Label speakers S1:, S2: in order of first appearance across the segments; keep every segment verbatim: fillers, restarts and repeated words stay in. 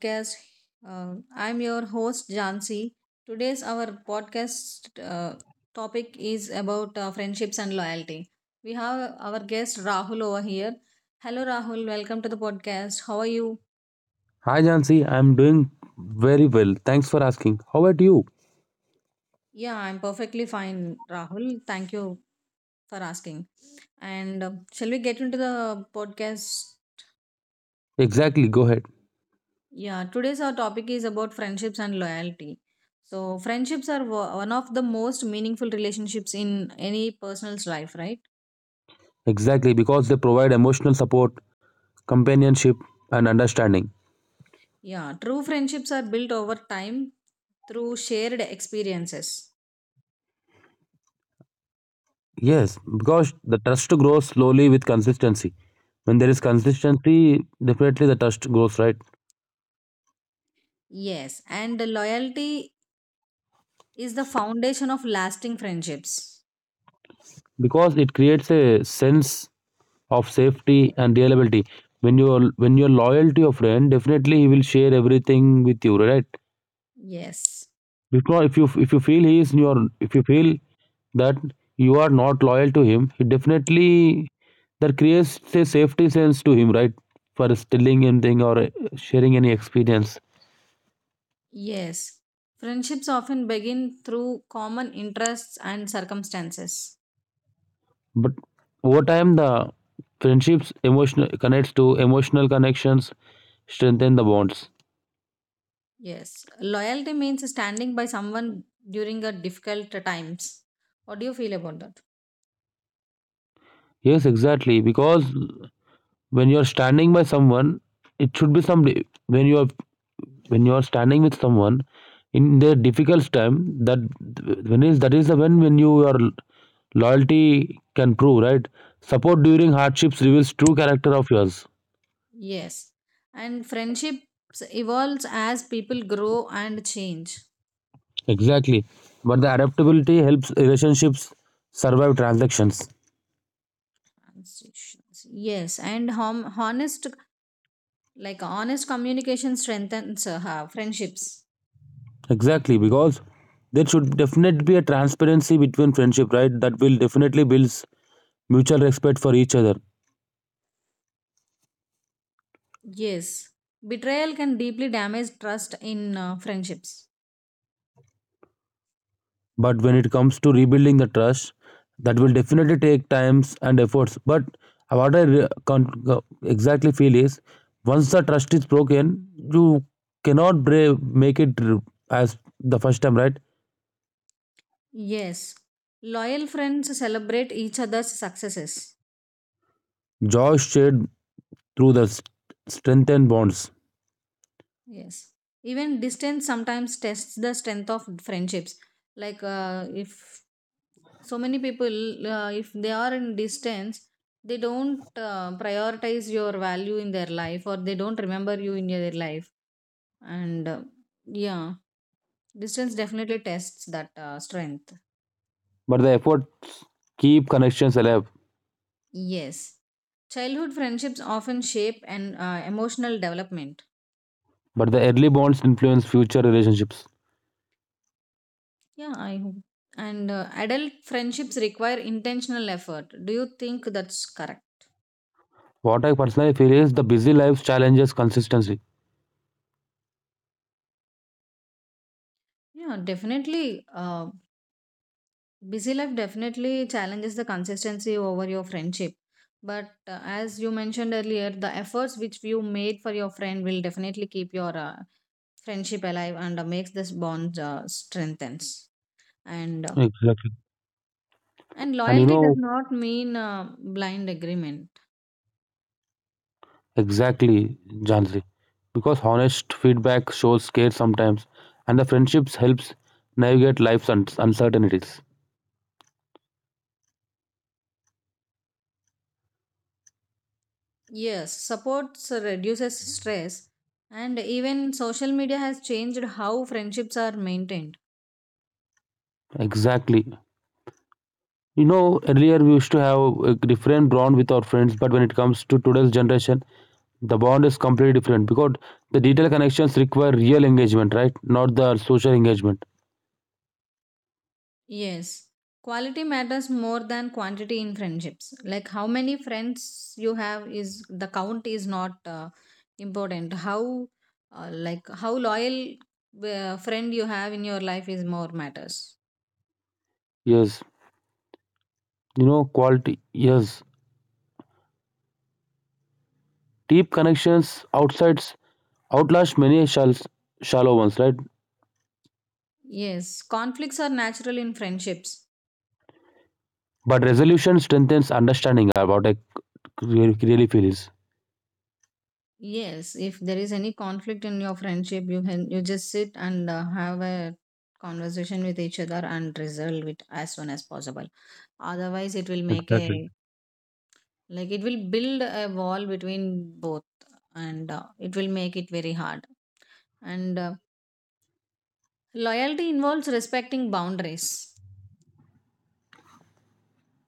S1: podcast. Uh, I'm your host Jansi. Today's our podcast uh, topic is about uh, friendships and loyalty. We have our guest Rahul over here. Hello Rahul, welcome to the podcast. How are you?
S2: Hi Jansi, I'm doing very well. Thanks for asking. How about you?
S1: Yeah, I'm perfectly fine, Rahul. Thank you for asking. And uh, shall we get into the podcast?
S2: Exactly, go ahead.
S1: Yeah, today's our topic is about friendships and loyalty. So, friendships are wo- one of the most meaningful relationships in any person's life, right?
S2: Exactly, because they provide emotional support, companionship, and understanding.
S1: Yeah, true friendships are built over time through shared experiences.
S2: Yes, because the trust grows slowly with consistency. When there is consistency, definitely the trust grows, right?
S1: Yes, and loyalty is the foundation of lasting friendships.
S2: Because it creates a sense of safety and reliability. When you're when you're loyal to your friend, definitely he will share everything with you, right?
S1: Yes.
S2: If not, if you if you feel he is in your If you feel that you are not loyal to him, he definitely, that creates a safety sense to him, right? For telling anything or uh, sharing any experience.
S1: Yes. Friendships often begin through common interests and circumstances.
S2: But over time, the friendships emotional connects to emotional connections strengthen the bonds.
S1: Yes, loyalty means standing by someone during a difficult times. What do you feel about that?
S2: Yes, exactly. Because when you are standing by someone, it should be some when you are when you are standing with someone in their difficult time. That when is that is the when when you are Loyalty can prove, right? Support during hardships reveals true character of yours.
S1: Yes, and friendships evolves as people grow and change.
S2: Exactly. But the adaptability helps relationships survive transactions.
S1: Transitions. Yes, and hom- honest, like honest communication strengthens uh, friendships.
S2: Exactly, because there should definitely be a transparency between friendship, right? That will definitely builds mutual respect for each other.
S1: Yes, betrayal can deeply damage trust in uh, friendships.
S2: But when it comes to rebuilding the trust, that will definitely take times and efforts. But what i re- con- uh, exactly feel is, once the trust is broken, you cannot bra- make it r- as the first time, right?
S1: Yes, loyal friends celebrate each other's successes.
S2: Joy shared through the s- strengthened bonds,
S1: Yes. Even distance sometimes tests the strength of friendships. Like uh, if so many people, uh, if they are in distance, they don't uh, prioritize your value in their life or they don't remember you in their life. And uh, yeah, distance definitely tests that uh, strength.
S2: but the efforts keep connections alive.
S1: Yes. Childhood friendships often shape an uh, emotional development.
S2: But the early bonds influence future relationships.
S1: Yeah, I hope. And uh, adult friendships require intentional effort. Do you think that's correct?
S2: What I personally feel is the busy lives challenges consistency,
S1: Yeah, definitely. Uh, busy life definitely challenges the consistency over your friendship. But uh, as you mentioned earlier, the efforts which you made for your friend will definitely keep your uh, friendship alive and uh, makes this bond uh, strengthens. And uh,
S2: exactly.
S1: and
S2: and you
S1: loyalty does
S2: know
S1: not mean uh, blind agreement.
S2: Exactly, Jansi. Because honest feedback shows care sometimes, and the friendships helps navigate life's un- uncertainties.
S1: Yes, supports reduces stress, and even social media has changed how friendships are maintained.
S2: Exactly. You know, earlier we used to have a different bond with our friends, but when it comes to today's generation, the bond is completely different, because the detailed connections require real engagement, right? Not the social engagement.
S1: Yes, quality matters more than quantity in friendships. Like how many friends you have is the count is not uh, important. How uh, like how loyal uh, friend you have in your life is more matters.
S2: Yes. You know, quality. Yes. Deep connections outsides outlast many shall shallow ones, right?
S1: Yes, conflicts are natural in friendships.
S2: But resolution strengthens understanding about a really, really feels.
S1: Yes, if there is any conflict in your friendship, you can you just sit and uh, have a conversation with each other and resolve it as soon as possible. Otherwise, it will make
S2: Exactly.
S1: a like it will build a wall between both and uh, it will make it very hard and uh, loyalty involves respecting boundaries.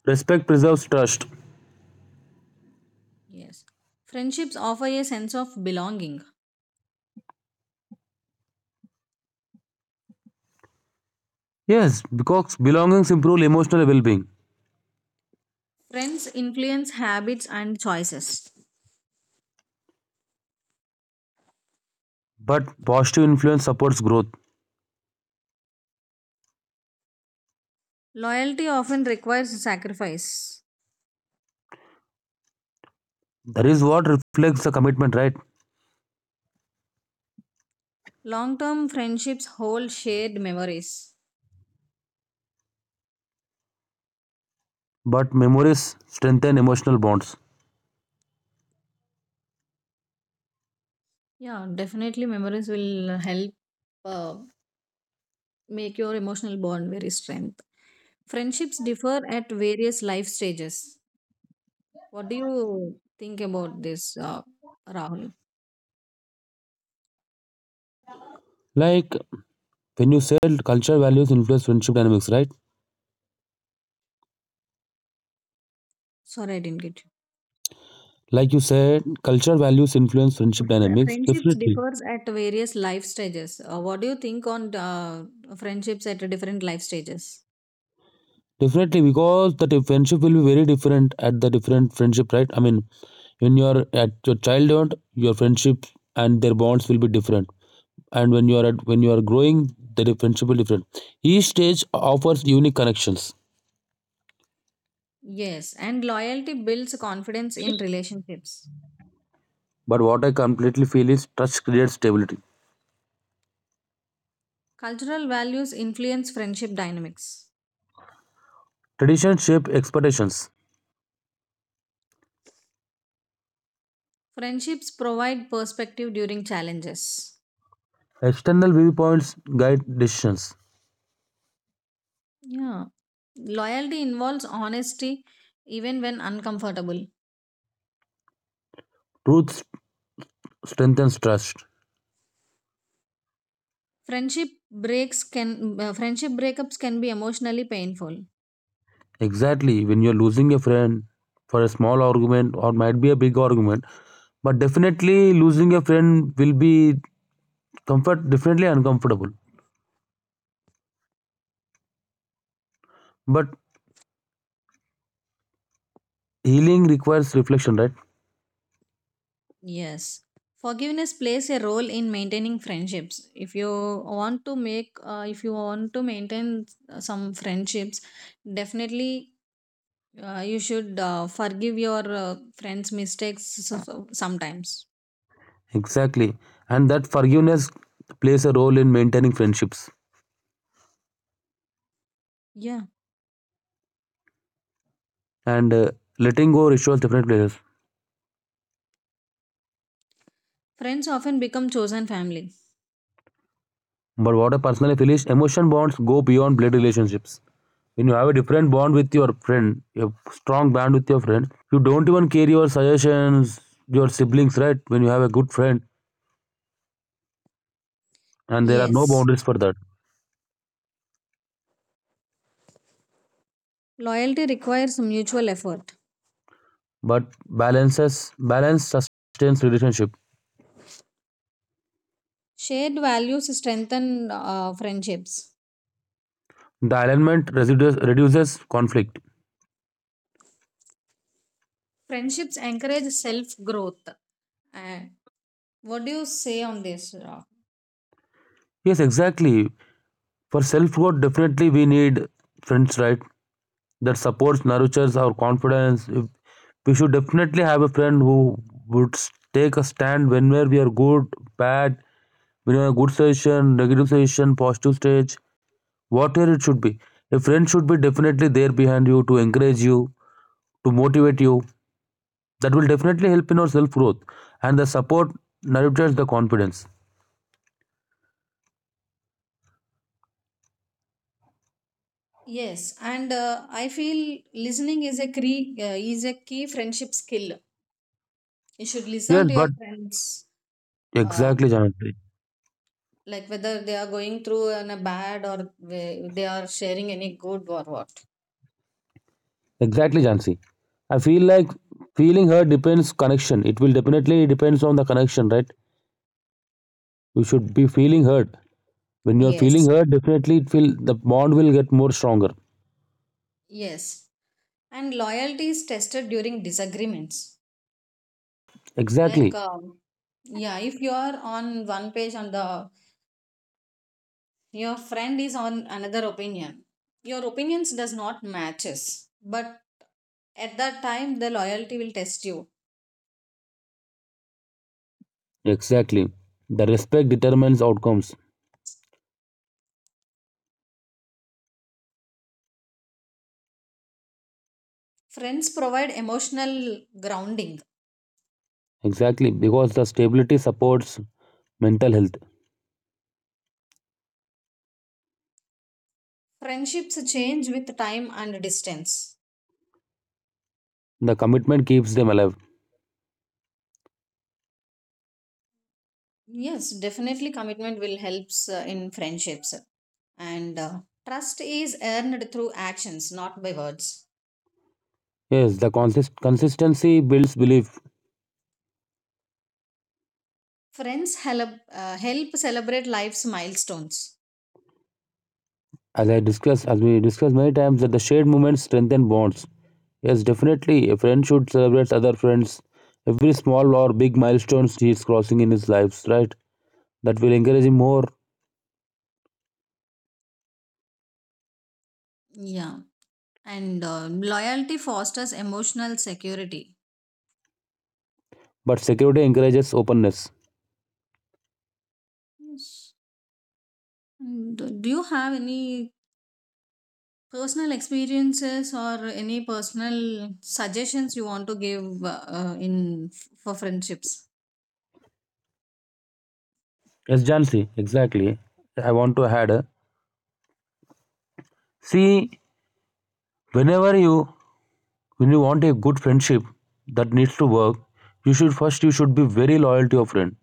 S2: Respect preserves trust.
S1: Yes, friendships offer a sense of belonging.
S2: Yes, because belongings improve emotional well being.
S1: Friends influence habits and choices.
S2: But the positive influence supports growth.
S1: Loyalty often requires sacrifice.
S2: That is what reflects the commitment, right?
S1: Long term friendships hold shared memories.
S2: But memories strengthen emotional bonds.
S1: Yeah, definitely memories will help uh, make your emotional bond very strength. Friendships differ at various life stages. What do you think about this, uh, Rahul?
S2: Like when you said, culture values influence friendship dynamics, right?
S1: Sorry, I didn't get
S2: Like you said, culture values influence
S1: you.
S2: friendship
S1: Fr-
S2: dynamics.
S1: Friendships
S2: Definitely.
S1: differs at various life stages. Uh, what do you think on uh, friendships at different life stages?
S2: Definitely, because the di- friendship will be very different at the different friendship, right? I mean, when you are at your childhood, your friendship and their bonds will be different, and when you are at when you are growing, the di- principle different, each stage offers unique connections.
S1: Yes, and loyalty builds confidence in relationships.
S2: But what I completely feel is, trust creates stability,
S1: Cultural values influence friendship dynamics.
S2: tradition shape expectations,
S1: Friendships provide perspective during challenges.
S2: external viewpoints guide decisions,
S1: Yeah. Loyalty involves honesty even when uncomfortable.
S2: truth strengthens trust.
S1: Friendship breaks can uh, friendship breakups can be emotionally painful.
S2: Exactly. When you're losing a friend for a small argument or might be a big argument, but definitely losing a friend will be comfort definitely uncomfortable, but healing requires reflection, right?
S1: Yes. Forgiveness plays a role in maintaining friendships. If you want to make uh, if you want to maintain uh, some friendships, definitely uh, you should uh, forgive your uh, friends mistakes so- so- sometimes.
S2: Exactly. And that forgiveness plays a role in maintaining friendships.
S1: Yeah.
S2: And uh, letting go rituals definitely helps.
S1: Friends often become chosen family.
S2: But what I personally feel is, emotion bonds go beyond blood relationships. When you have a different bond with your friend, a strong bond with your friend, you don't even care your suggestions, your siblings, right? When you have a good friend, and there are no
S1: Yes.
S2: boundaries for that.
S1: Loyalty requires mutual effort.
S2: But balances balance sustains relationship.
S1: Shared values strengthen uh, friendships.
S2: The alignment residues, reduces conflict.
S1: Friendships encourage self growth. And what do you say on this, Ra?
S2: Yes, exactly. For self growth, definitely we need friends, right? That supports, nurtures our confidence. If- We should definitely have a friend who would s- take a stand whenever we are good, bad, we are in a good situation, negative situation, positive stage, whatever it should be. A friend should be definitely there behind you to encourage you, to motivate you. That will definitely help in our self growth. And the support nurtures the confidence.
S1: Yes, and uh, I feel listening is a key uh, is a key friendship skill. You should
S2: Yes,
S1: listen to your
S2: but
S1: friends, uh,
S2: exactly, Jansi.
S1: like whether they are going through an, a bad or whe- they are sharing any good or what.
S2: Exactly, Jansi. I feel like feeling hurt depends connection. It will definitely depends on the connection, right? you should be feeling hurt when you're feeling
S1: Yes,
S2: hurt, definitely it feel the bond will get more stronger.
S1: yes, and loyalty is tested during disagreements. Like,
S2: Exactly.
S1: um, yeah, if you are on one page on the your friend is on another opinion, your opinions does not matches, but at that time the loyalty will test you.
S2: Exactly, the respect determines outcomes.
S1: Friends provide emotional grounding.
S2: Exactly, because the stability supports mental health,
S1: Friendships change with time and distance.
S2: the commitment keeps them alive.
S1: Yes, definitely commitment will helps uh, in friendships. And uh, trust is earned through actions, not by words.
S2: Yes, the consist- consistency builds belief.
S1: Friends help uh, help celebrate life's milestones.
S2: As I discussed, as we discussed many times, that the shared moments strengthen bonds. Yes, definitely a friend should celebrate other friends every small or big milestones he is crossing in his lives, right? That will encourage him more.
S1: Yeah, and uh, loyalty fosters emotional security.
S2: But security encourages openness.
S1: Yes. Mm. Do do you have any personal experiences or any personal suggestions you want to give uh, uh, in for friendships?
S2: Yes, Jansi, exactly. I want to add. uh, See, whenever you when you want a good friendship that needs to work, you should first you should be very loyal to your friend.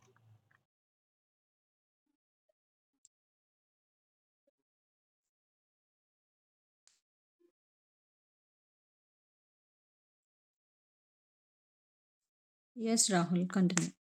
S1: Yes, Rahul, continue.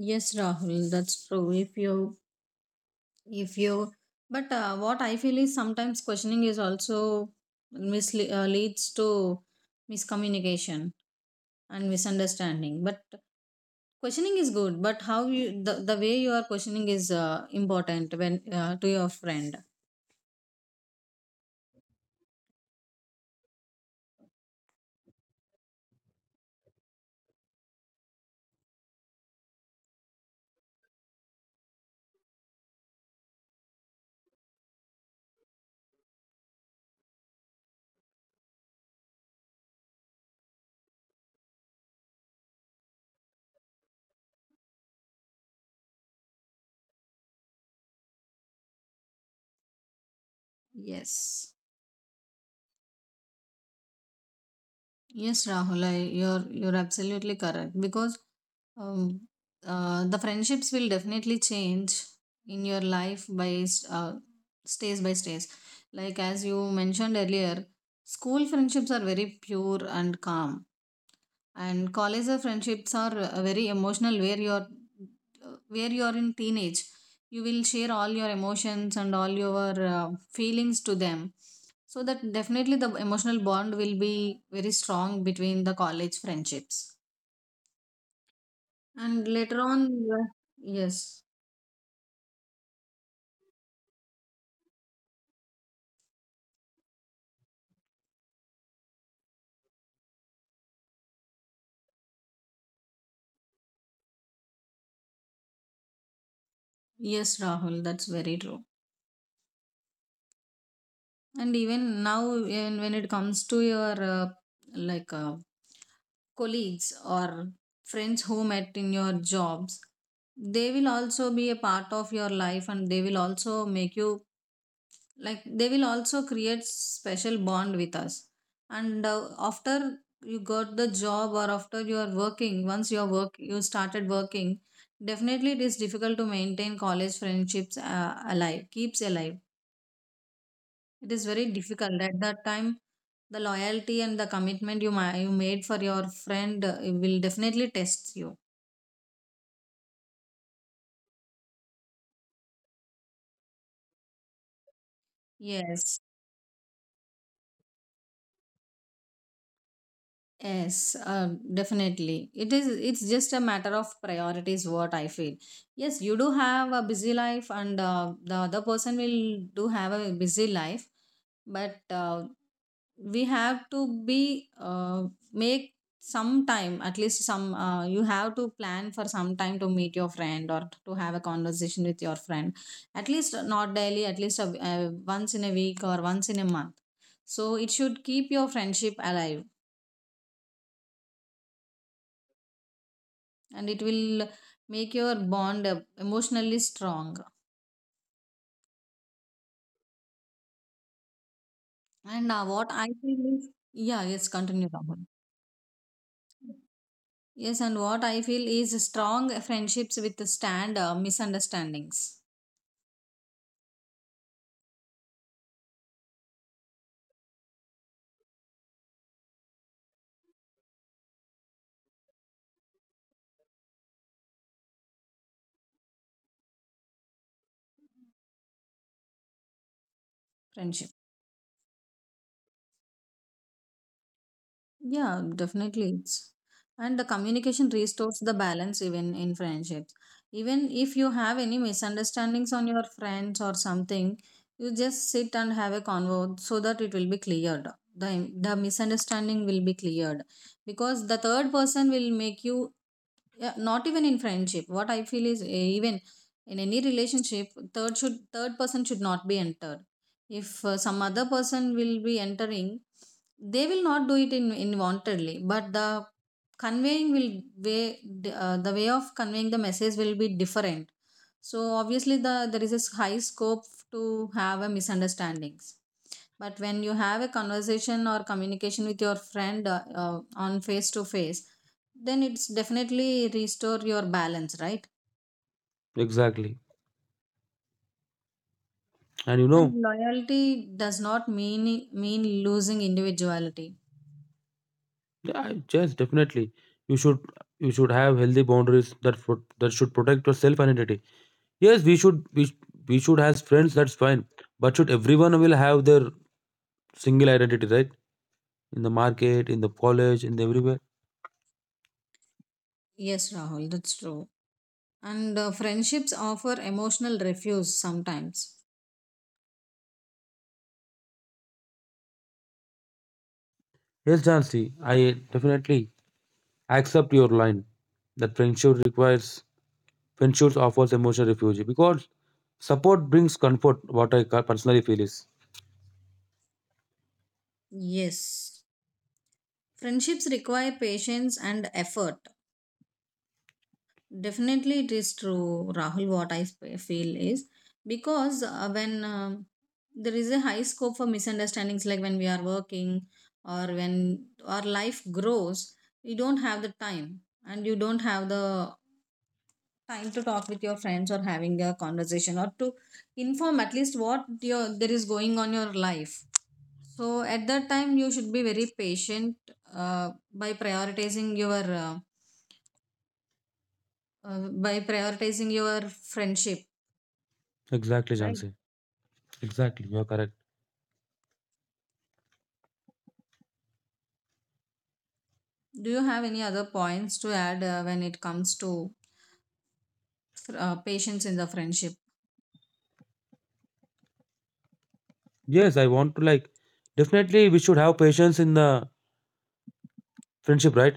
S1: Yes, Rahul, that's true. If you, if you, but uh, what I feel is sometimes questioning is also misle- uh, leads to miscommunication and misunderstanding. But questioning is good, but how you the, the way you are questioning is uh, important when uh, to your friend. Yes. Yes, Rahul, I, you're you're absolutely correct because um, uh, the friendships will definitely change in your life by uh, stage by stage. Like as you mentioned earlier, school friendships are very pure and calm, and college friendships are uh, very emotional where you're where you're in teenage you will share all your emotions and all your uh, feelings to them, so that definitely the emotional bond will be very strong between the college friendships. And later on uh, yes, yes, Rahul, that's very true. And even now, even when it comes to your uh, like uh, colleagues or friends who met in your jobs, they will also be a part of your life and they will also make you, like, they will also create special bond with us. And uh, after you got the job or after you are working, once your work you started working, definitely it is difficult to maintain college friendships uh, alive, keeps alive. It is very difficult at that time. The loyalty and the commitment you ma- you made for your friend uh, will definitely test you. Yes, yes, um, definitely. It is. It's just a matter of priorities. What I feel. Yes, you do have a busy life, and uh, the other person will do have a busy life. But uh, we have to be uh, make some time, at least some uh, you have to plan for some time to meet your friend or to have a conversation with your friend at least uh, not daily, at least a, uh, once in a week or once in a month, so it should keep your friendship alive and it will make your bond uh, emotionally strong. And uh, what I feel is yeah yes, continue Rahul. Yes, and what I feel is strong friendships with stand uh, misunderstandings friendship. Yeah, definitely. It's and the communication restores the balance even in friendships. Even if you have any misunderstandings on your friends or something, you just sit and have a convo so that it will be cleared. The the misunderstanding will be cleared because the third person will make you. Yeah, not even in friendship, what I feel is, eh, even in any relationship, third should third person should not be entered. If uh, some other person will be entering, they will not do it in involuntarily, but the conveying will way uh, the way of conveying the message will be different, so obviously the there is a high scope to have a misunderstandings. But when you have a conversation or communication with your friend uh, uh, on face to face, then it's definitely restore your balance, right?
S2: Exactly. And you know,
S1: And loyalty does not mean mean losing individuality.
S2: yeah, yes, definitely. You should you should have healthy boundaries that pro- that should protect your self identity. Yes, we should we, sh- we should have friends. That's fine. But should everyone will have their single identity, right? In the market, in the college, in the everywhere.
S1: Yes, Rahul, that's true. And uh, friendships offer emotional refuge sometimes.
S2: Yes, Jansi, I definitely accept your line that friendship requires, friendships offers emotional refuge, because support brings comfort. What I ca- personally feel is,
S1: Yes. Friendships require patience and effort. Definitely, it is true, Rahul. What I sp- feel is, because uh, when um there is a high scope for misunderstandings, like when we are working or when our life grows, you don't have the time and you don't have the time to talk with your friends or having a conversation or to inform at least what your there is going on your life. So at that time, you should be very patient uh, by prioritizing your uh, uh, by prioritizing your friendship.
S2: exactly,
S1: Right.
S2: Jansi. Exactly, you are correct.
S1: Do you have any other points to add uh, when it comes to uh, patience in the friendship?
S2: Yes, I want to, like, definitely we should have patience in the friendship, right?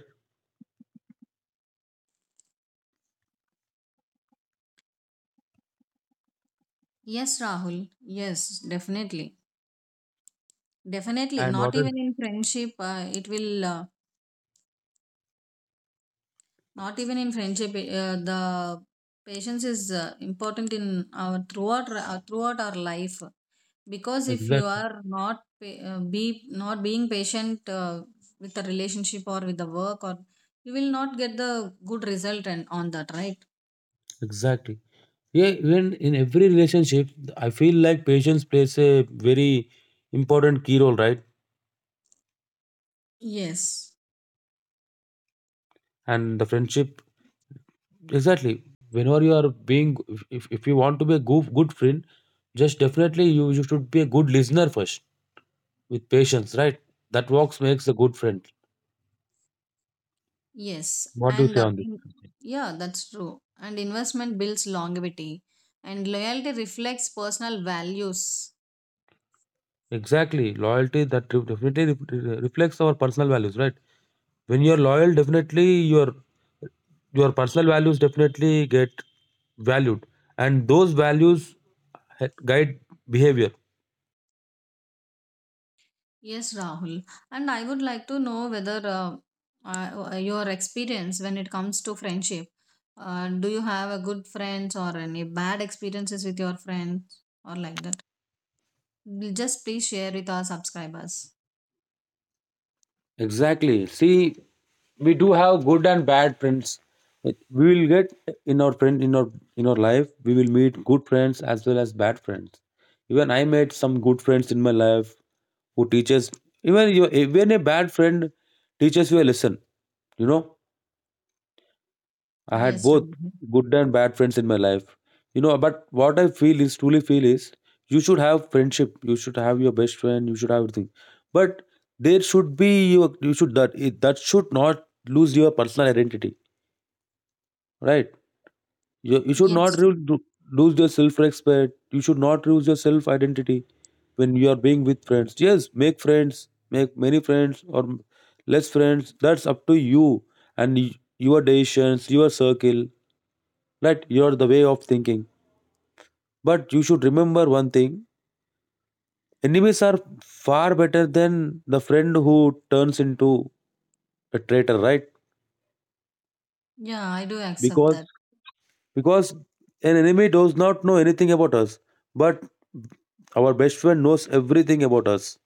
S1: Yes, Rahul. Yes, definitely. Definitely.
S2: And
S1: Not
S2: what else?
S1: even in friendship, uh, it will, uh, not even in friendship, uh, the patience is uh, important in our throughout uh, throughout our life, because if you
S2: Exactly.
S1: are not pa- uh, be not being patient uh, with the relationship or with the work, or you will not get the good result and on that, right?
S2: Exactly. Yeah, even in every relationship, I feel like patience plays a very important key role, right?
S1: Yes.
S2: And the friendship, exactly. Whenever you are being, if, if if you want to be a good, good friend, just definitely you, you should be a good listener first with patience, right? That works makes a good friend.
S1: Yes,
S2: What do you
S1: and
S2: say
S1: uh,
S2: on this?
S1: in, yeah, that's true. And investment builds longevity, and loyalty reflects personal values.
S2: Exactly. Loyalty that re- definitely re- re- reflects our personal values, right? When you're loyal, definitely your your personal values definitely get valued, and those values ha- guide behavior.
S1: Yes, Rahul. And I would like to know whether uh, uh, uh, your experience when it comes to friendship. Uh, do you have a good friends or any bad experiences with your friends or like that? L- Just please share with our subscribers.
S2: Exactly. See, we do have good and bad friends. It- We will get in our friend in our in our life. We will meet good friends as well as bad friends. Even I met some good friends in my life who teaches. Even your, even a bad friend teaches you a lesson, you know. I had
S1: Yes,
S2: both
S1: Rahul.
S2: good and bad friends in my life, you know. But what I feel is truly feel is, you should have friendship. You should have your best friend. You should have everything. But there should be your you should that it- that should not lose your personal identity, right? You you should not
S1: Yes.
S2: ru- ru- lose your self respect. You should not lose your self identity when you are being with friends. Yes, make friends, make many friends or m- less friends. That's up to you and y- your decisions, your circle, let your, the way of thinking. But you should remember one thing: enemies are far better than the friend who turns into a traitor, right?
S1: Yeah, I do accept
S2: Because
S1: that.
S2: because an enemy does not know anything about us, but our best friend knows everything about us.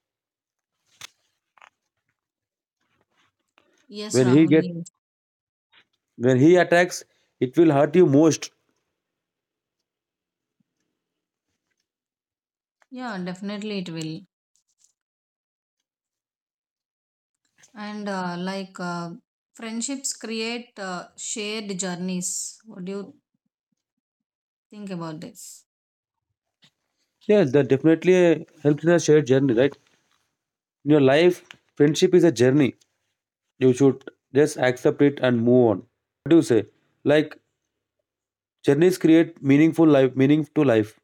S1: Yes,
S2: When he
S1: Rahul.
S2: get
S1: Yes.
S2: when he attacks, it will hurt you most.
S1: Yeah, definitely it will. And uh, like uh, friendships create uh, shared journeys. What do you think about this?
S2: Yes, that definitely helps in a shared journey, right? In your life, friendship is a journey. You should just accept it and move on. What do you say? Like, journeys create meaningful life, meaning to life.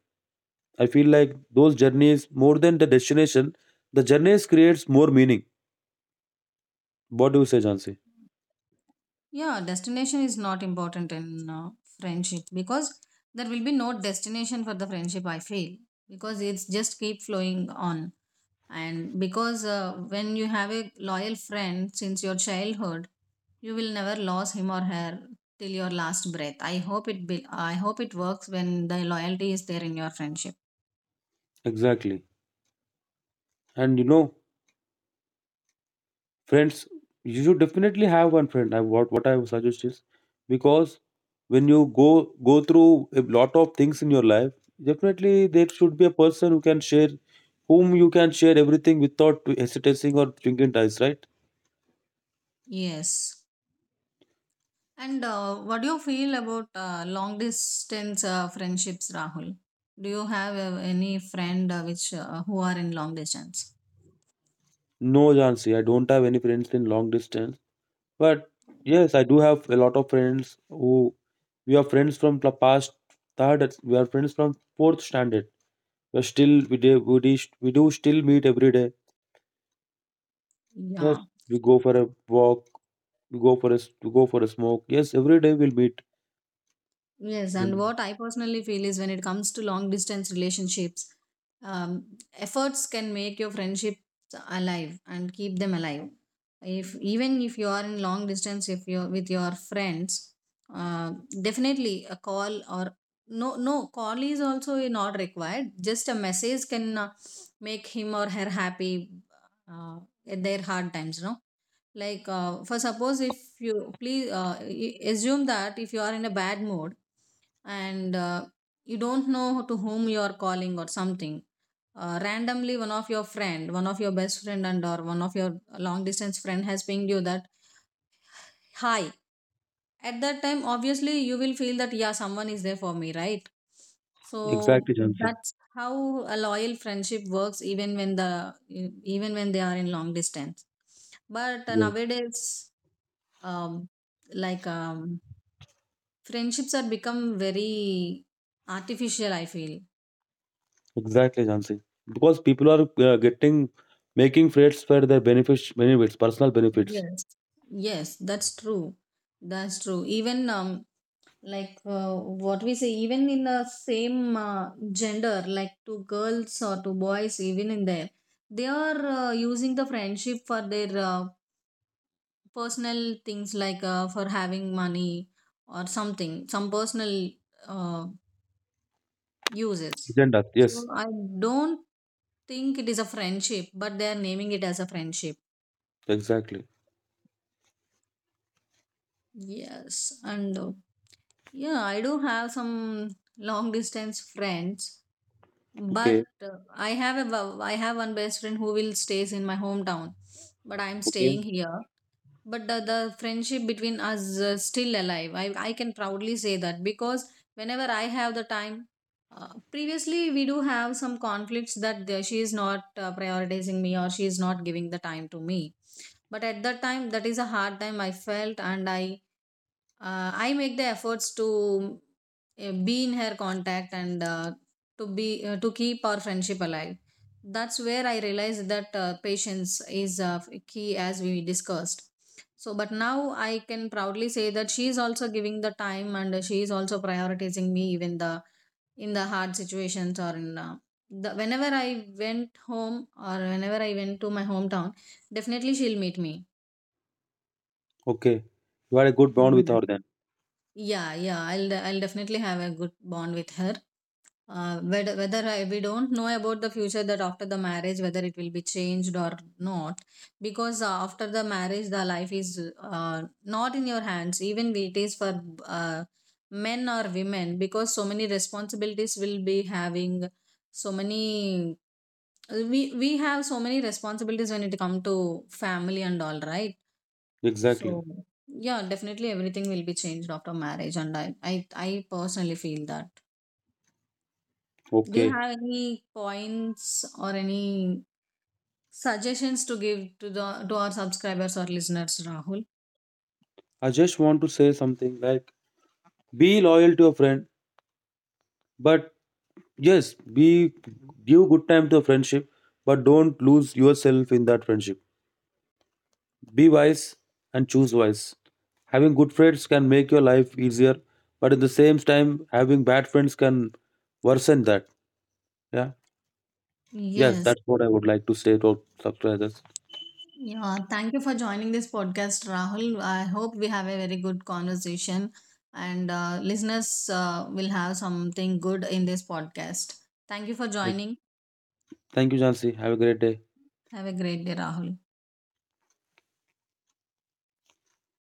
S2: I feel like those journeys, more than the destination, the journeys creates more meaning. What do you say, Jansi?
S1: Yeah, destination is not important in uh, friendship because there will be no destination for the friendship, I feel, because it's just keep flowing on. And because uh, when you have a loyal friend since your childhood, you will never lose him or her till your last breath. I hope it be, I hope it works when the loyalty is there in your friendship.
S2: Exactly. And you know, friends, you should definitely have one friend. I, what what I would suggest is, because when you go go through a lot of things in your life, definitely there should be a person who can share, whom you can share everything without hesitating or twinkling eyes, right?
S1: Yes. And uh, what do you feel about uh, long distance uh, friendships, Rahul? Do you have uh, any friend uh, which uh, who are in long distance?
S2: No, Jansi, I don't have any friends in long distance. But yes, I do have a lot of friends who, we are friends from the past third, we are friends from fourth standard. We are still we do we, do, we do still meet every day. Yes,
S1: Yeah.
S2: we go for a walk, we go for a s- we go for a smoke. Yes, every day we'll meet.
S1: Yes, and
S2: Mm,
S1: what I personally feel is when it comes to long distance relationships, um, efforts can make your friendships alive and keep them alive. If even if you are in long distance, if you're with your friends, uh, definitely a call or no, no call is also not required. Just a message can uh, make him or her happy uh, at their hard times. No, like uh, for suppose if you please uh, i- assume that if you are in a bad mood and uh, you don't know to whom you are calling or something uh, randomly one of your friend one of your best friend and or one of your long distance friend has pinged you that hi. At that time obviously you will feel that yeah, someone is there for me, right? So
S2: Exactly, Jansi.
S1: that's how a loyal friendship works, even when the e-, even when they are in long distance. But uh,
S2: Yeah,
S1: nowadays um, like um, friendships are become very artificial, I feel.
S2: exactly, Jansi. Because people are uh, getting making friends for their benefits, benefits, personal benefits.
S1: Yes. Yes, that's true, that's true. Even um, like uh, what we say, even in the same uh, gender, like two girls or two boys, even in there they are uh, using the friendship for their uh, personal things, like uh, for having money or something, some personal uh, uses.
S2: Agenda.
S1: So
S2: Yes,
S1: I don't think it is a friendship, but they are naming it as a friendship.
S2: exactly.
S1: Yes, and uh, yeah, I do have some long distance friends, but
S2: Okay,
S1: uh, I have a I have one best friend who will stays in my hometown, but I am
S2: okay,
S1: staying here. But the, the friendship between us uh, still alive. I, I can proudly say that, because whenever I have the time, uh, previously we do have some conflicts that the- she is not uh, prioritizing me or she is not giving the time to me. But at that time, that is a hard time I felt, and i uh, i make the efforts to uh, be in her contact and uh, to be uh, to keep our friendship alive. That's where I realized that uh, patience is uh, key, as we discussed. So but now I can proudly say that she is also giving the time and she is also prioritizing me, even the in the hard situations or in uh, the whenever I went home or whenever I went to my hometown, definitely she'll meet me.
S2: okay. You had a good bond with
S1: Yes.
S2: her then.
S1: Yeah, yeah, I'll de- I'll definitely have a good bond with her. Uh, whether whether I, we don't know about the future, that after the marriage whether it will be changed or not, because uh, after the marriage the life is uh, not in your hands. Even it is for uh, men or women, because so many responsibilities will be having, so many we we have so many responsibilities when it come to family and all, right?
S2: Exactly.
S1: So yeah, definitely everything will be changed after marriage, and I I, I personally feel that. Do you
S2: Okay.
S1: have any points or any suggestions to give to the to our subscribers or listeners, Rahul?
S2: I just want to say something like, be loyal to a friend, but yes, be give good time to a friendship, but don't lose yourself in that friendship. Be wise and choose wise. Having good friends can make your life easier, but at the same time, having bad friends can worsen that. Yeah. Yes,
S1: Yes.
S2: that's what I would like to say to our subscribers.
S1: Yeah, thank you for joining this podcast, Rahul. I hope we have a very good conversation, and uh, listeners uh, will have something good in this podcast. Thank you for joining.
S2: Thank you, Jansi. Have a great day.
S1: Have a great day, Rahul.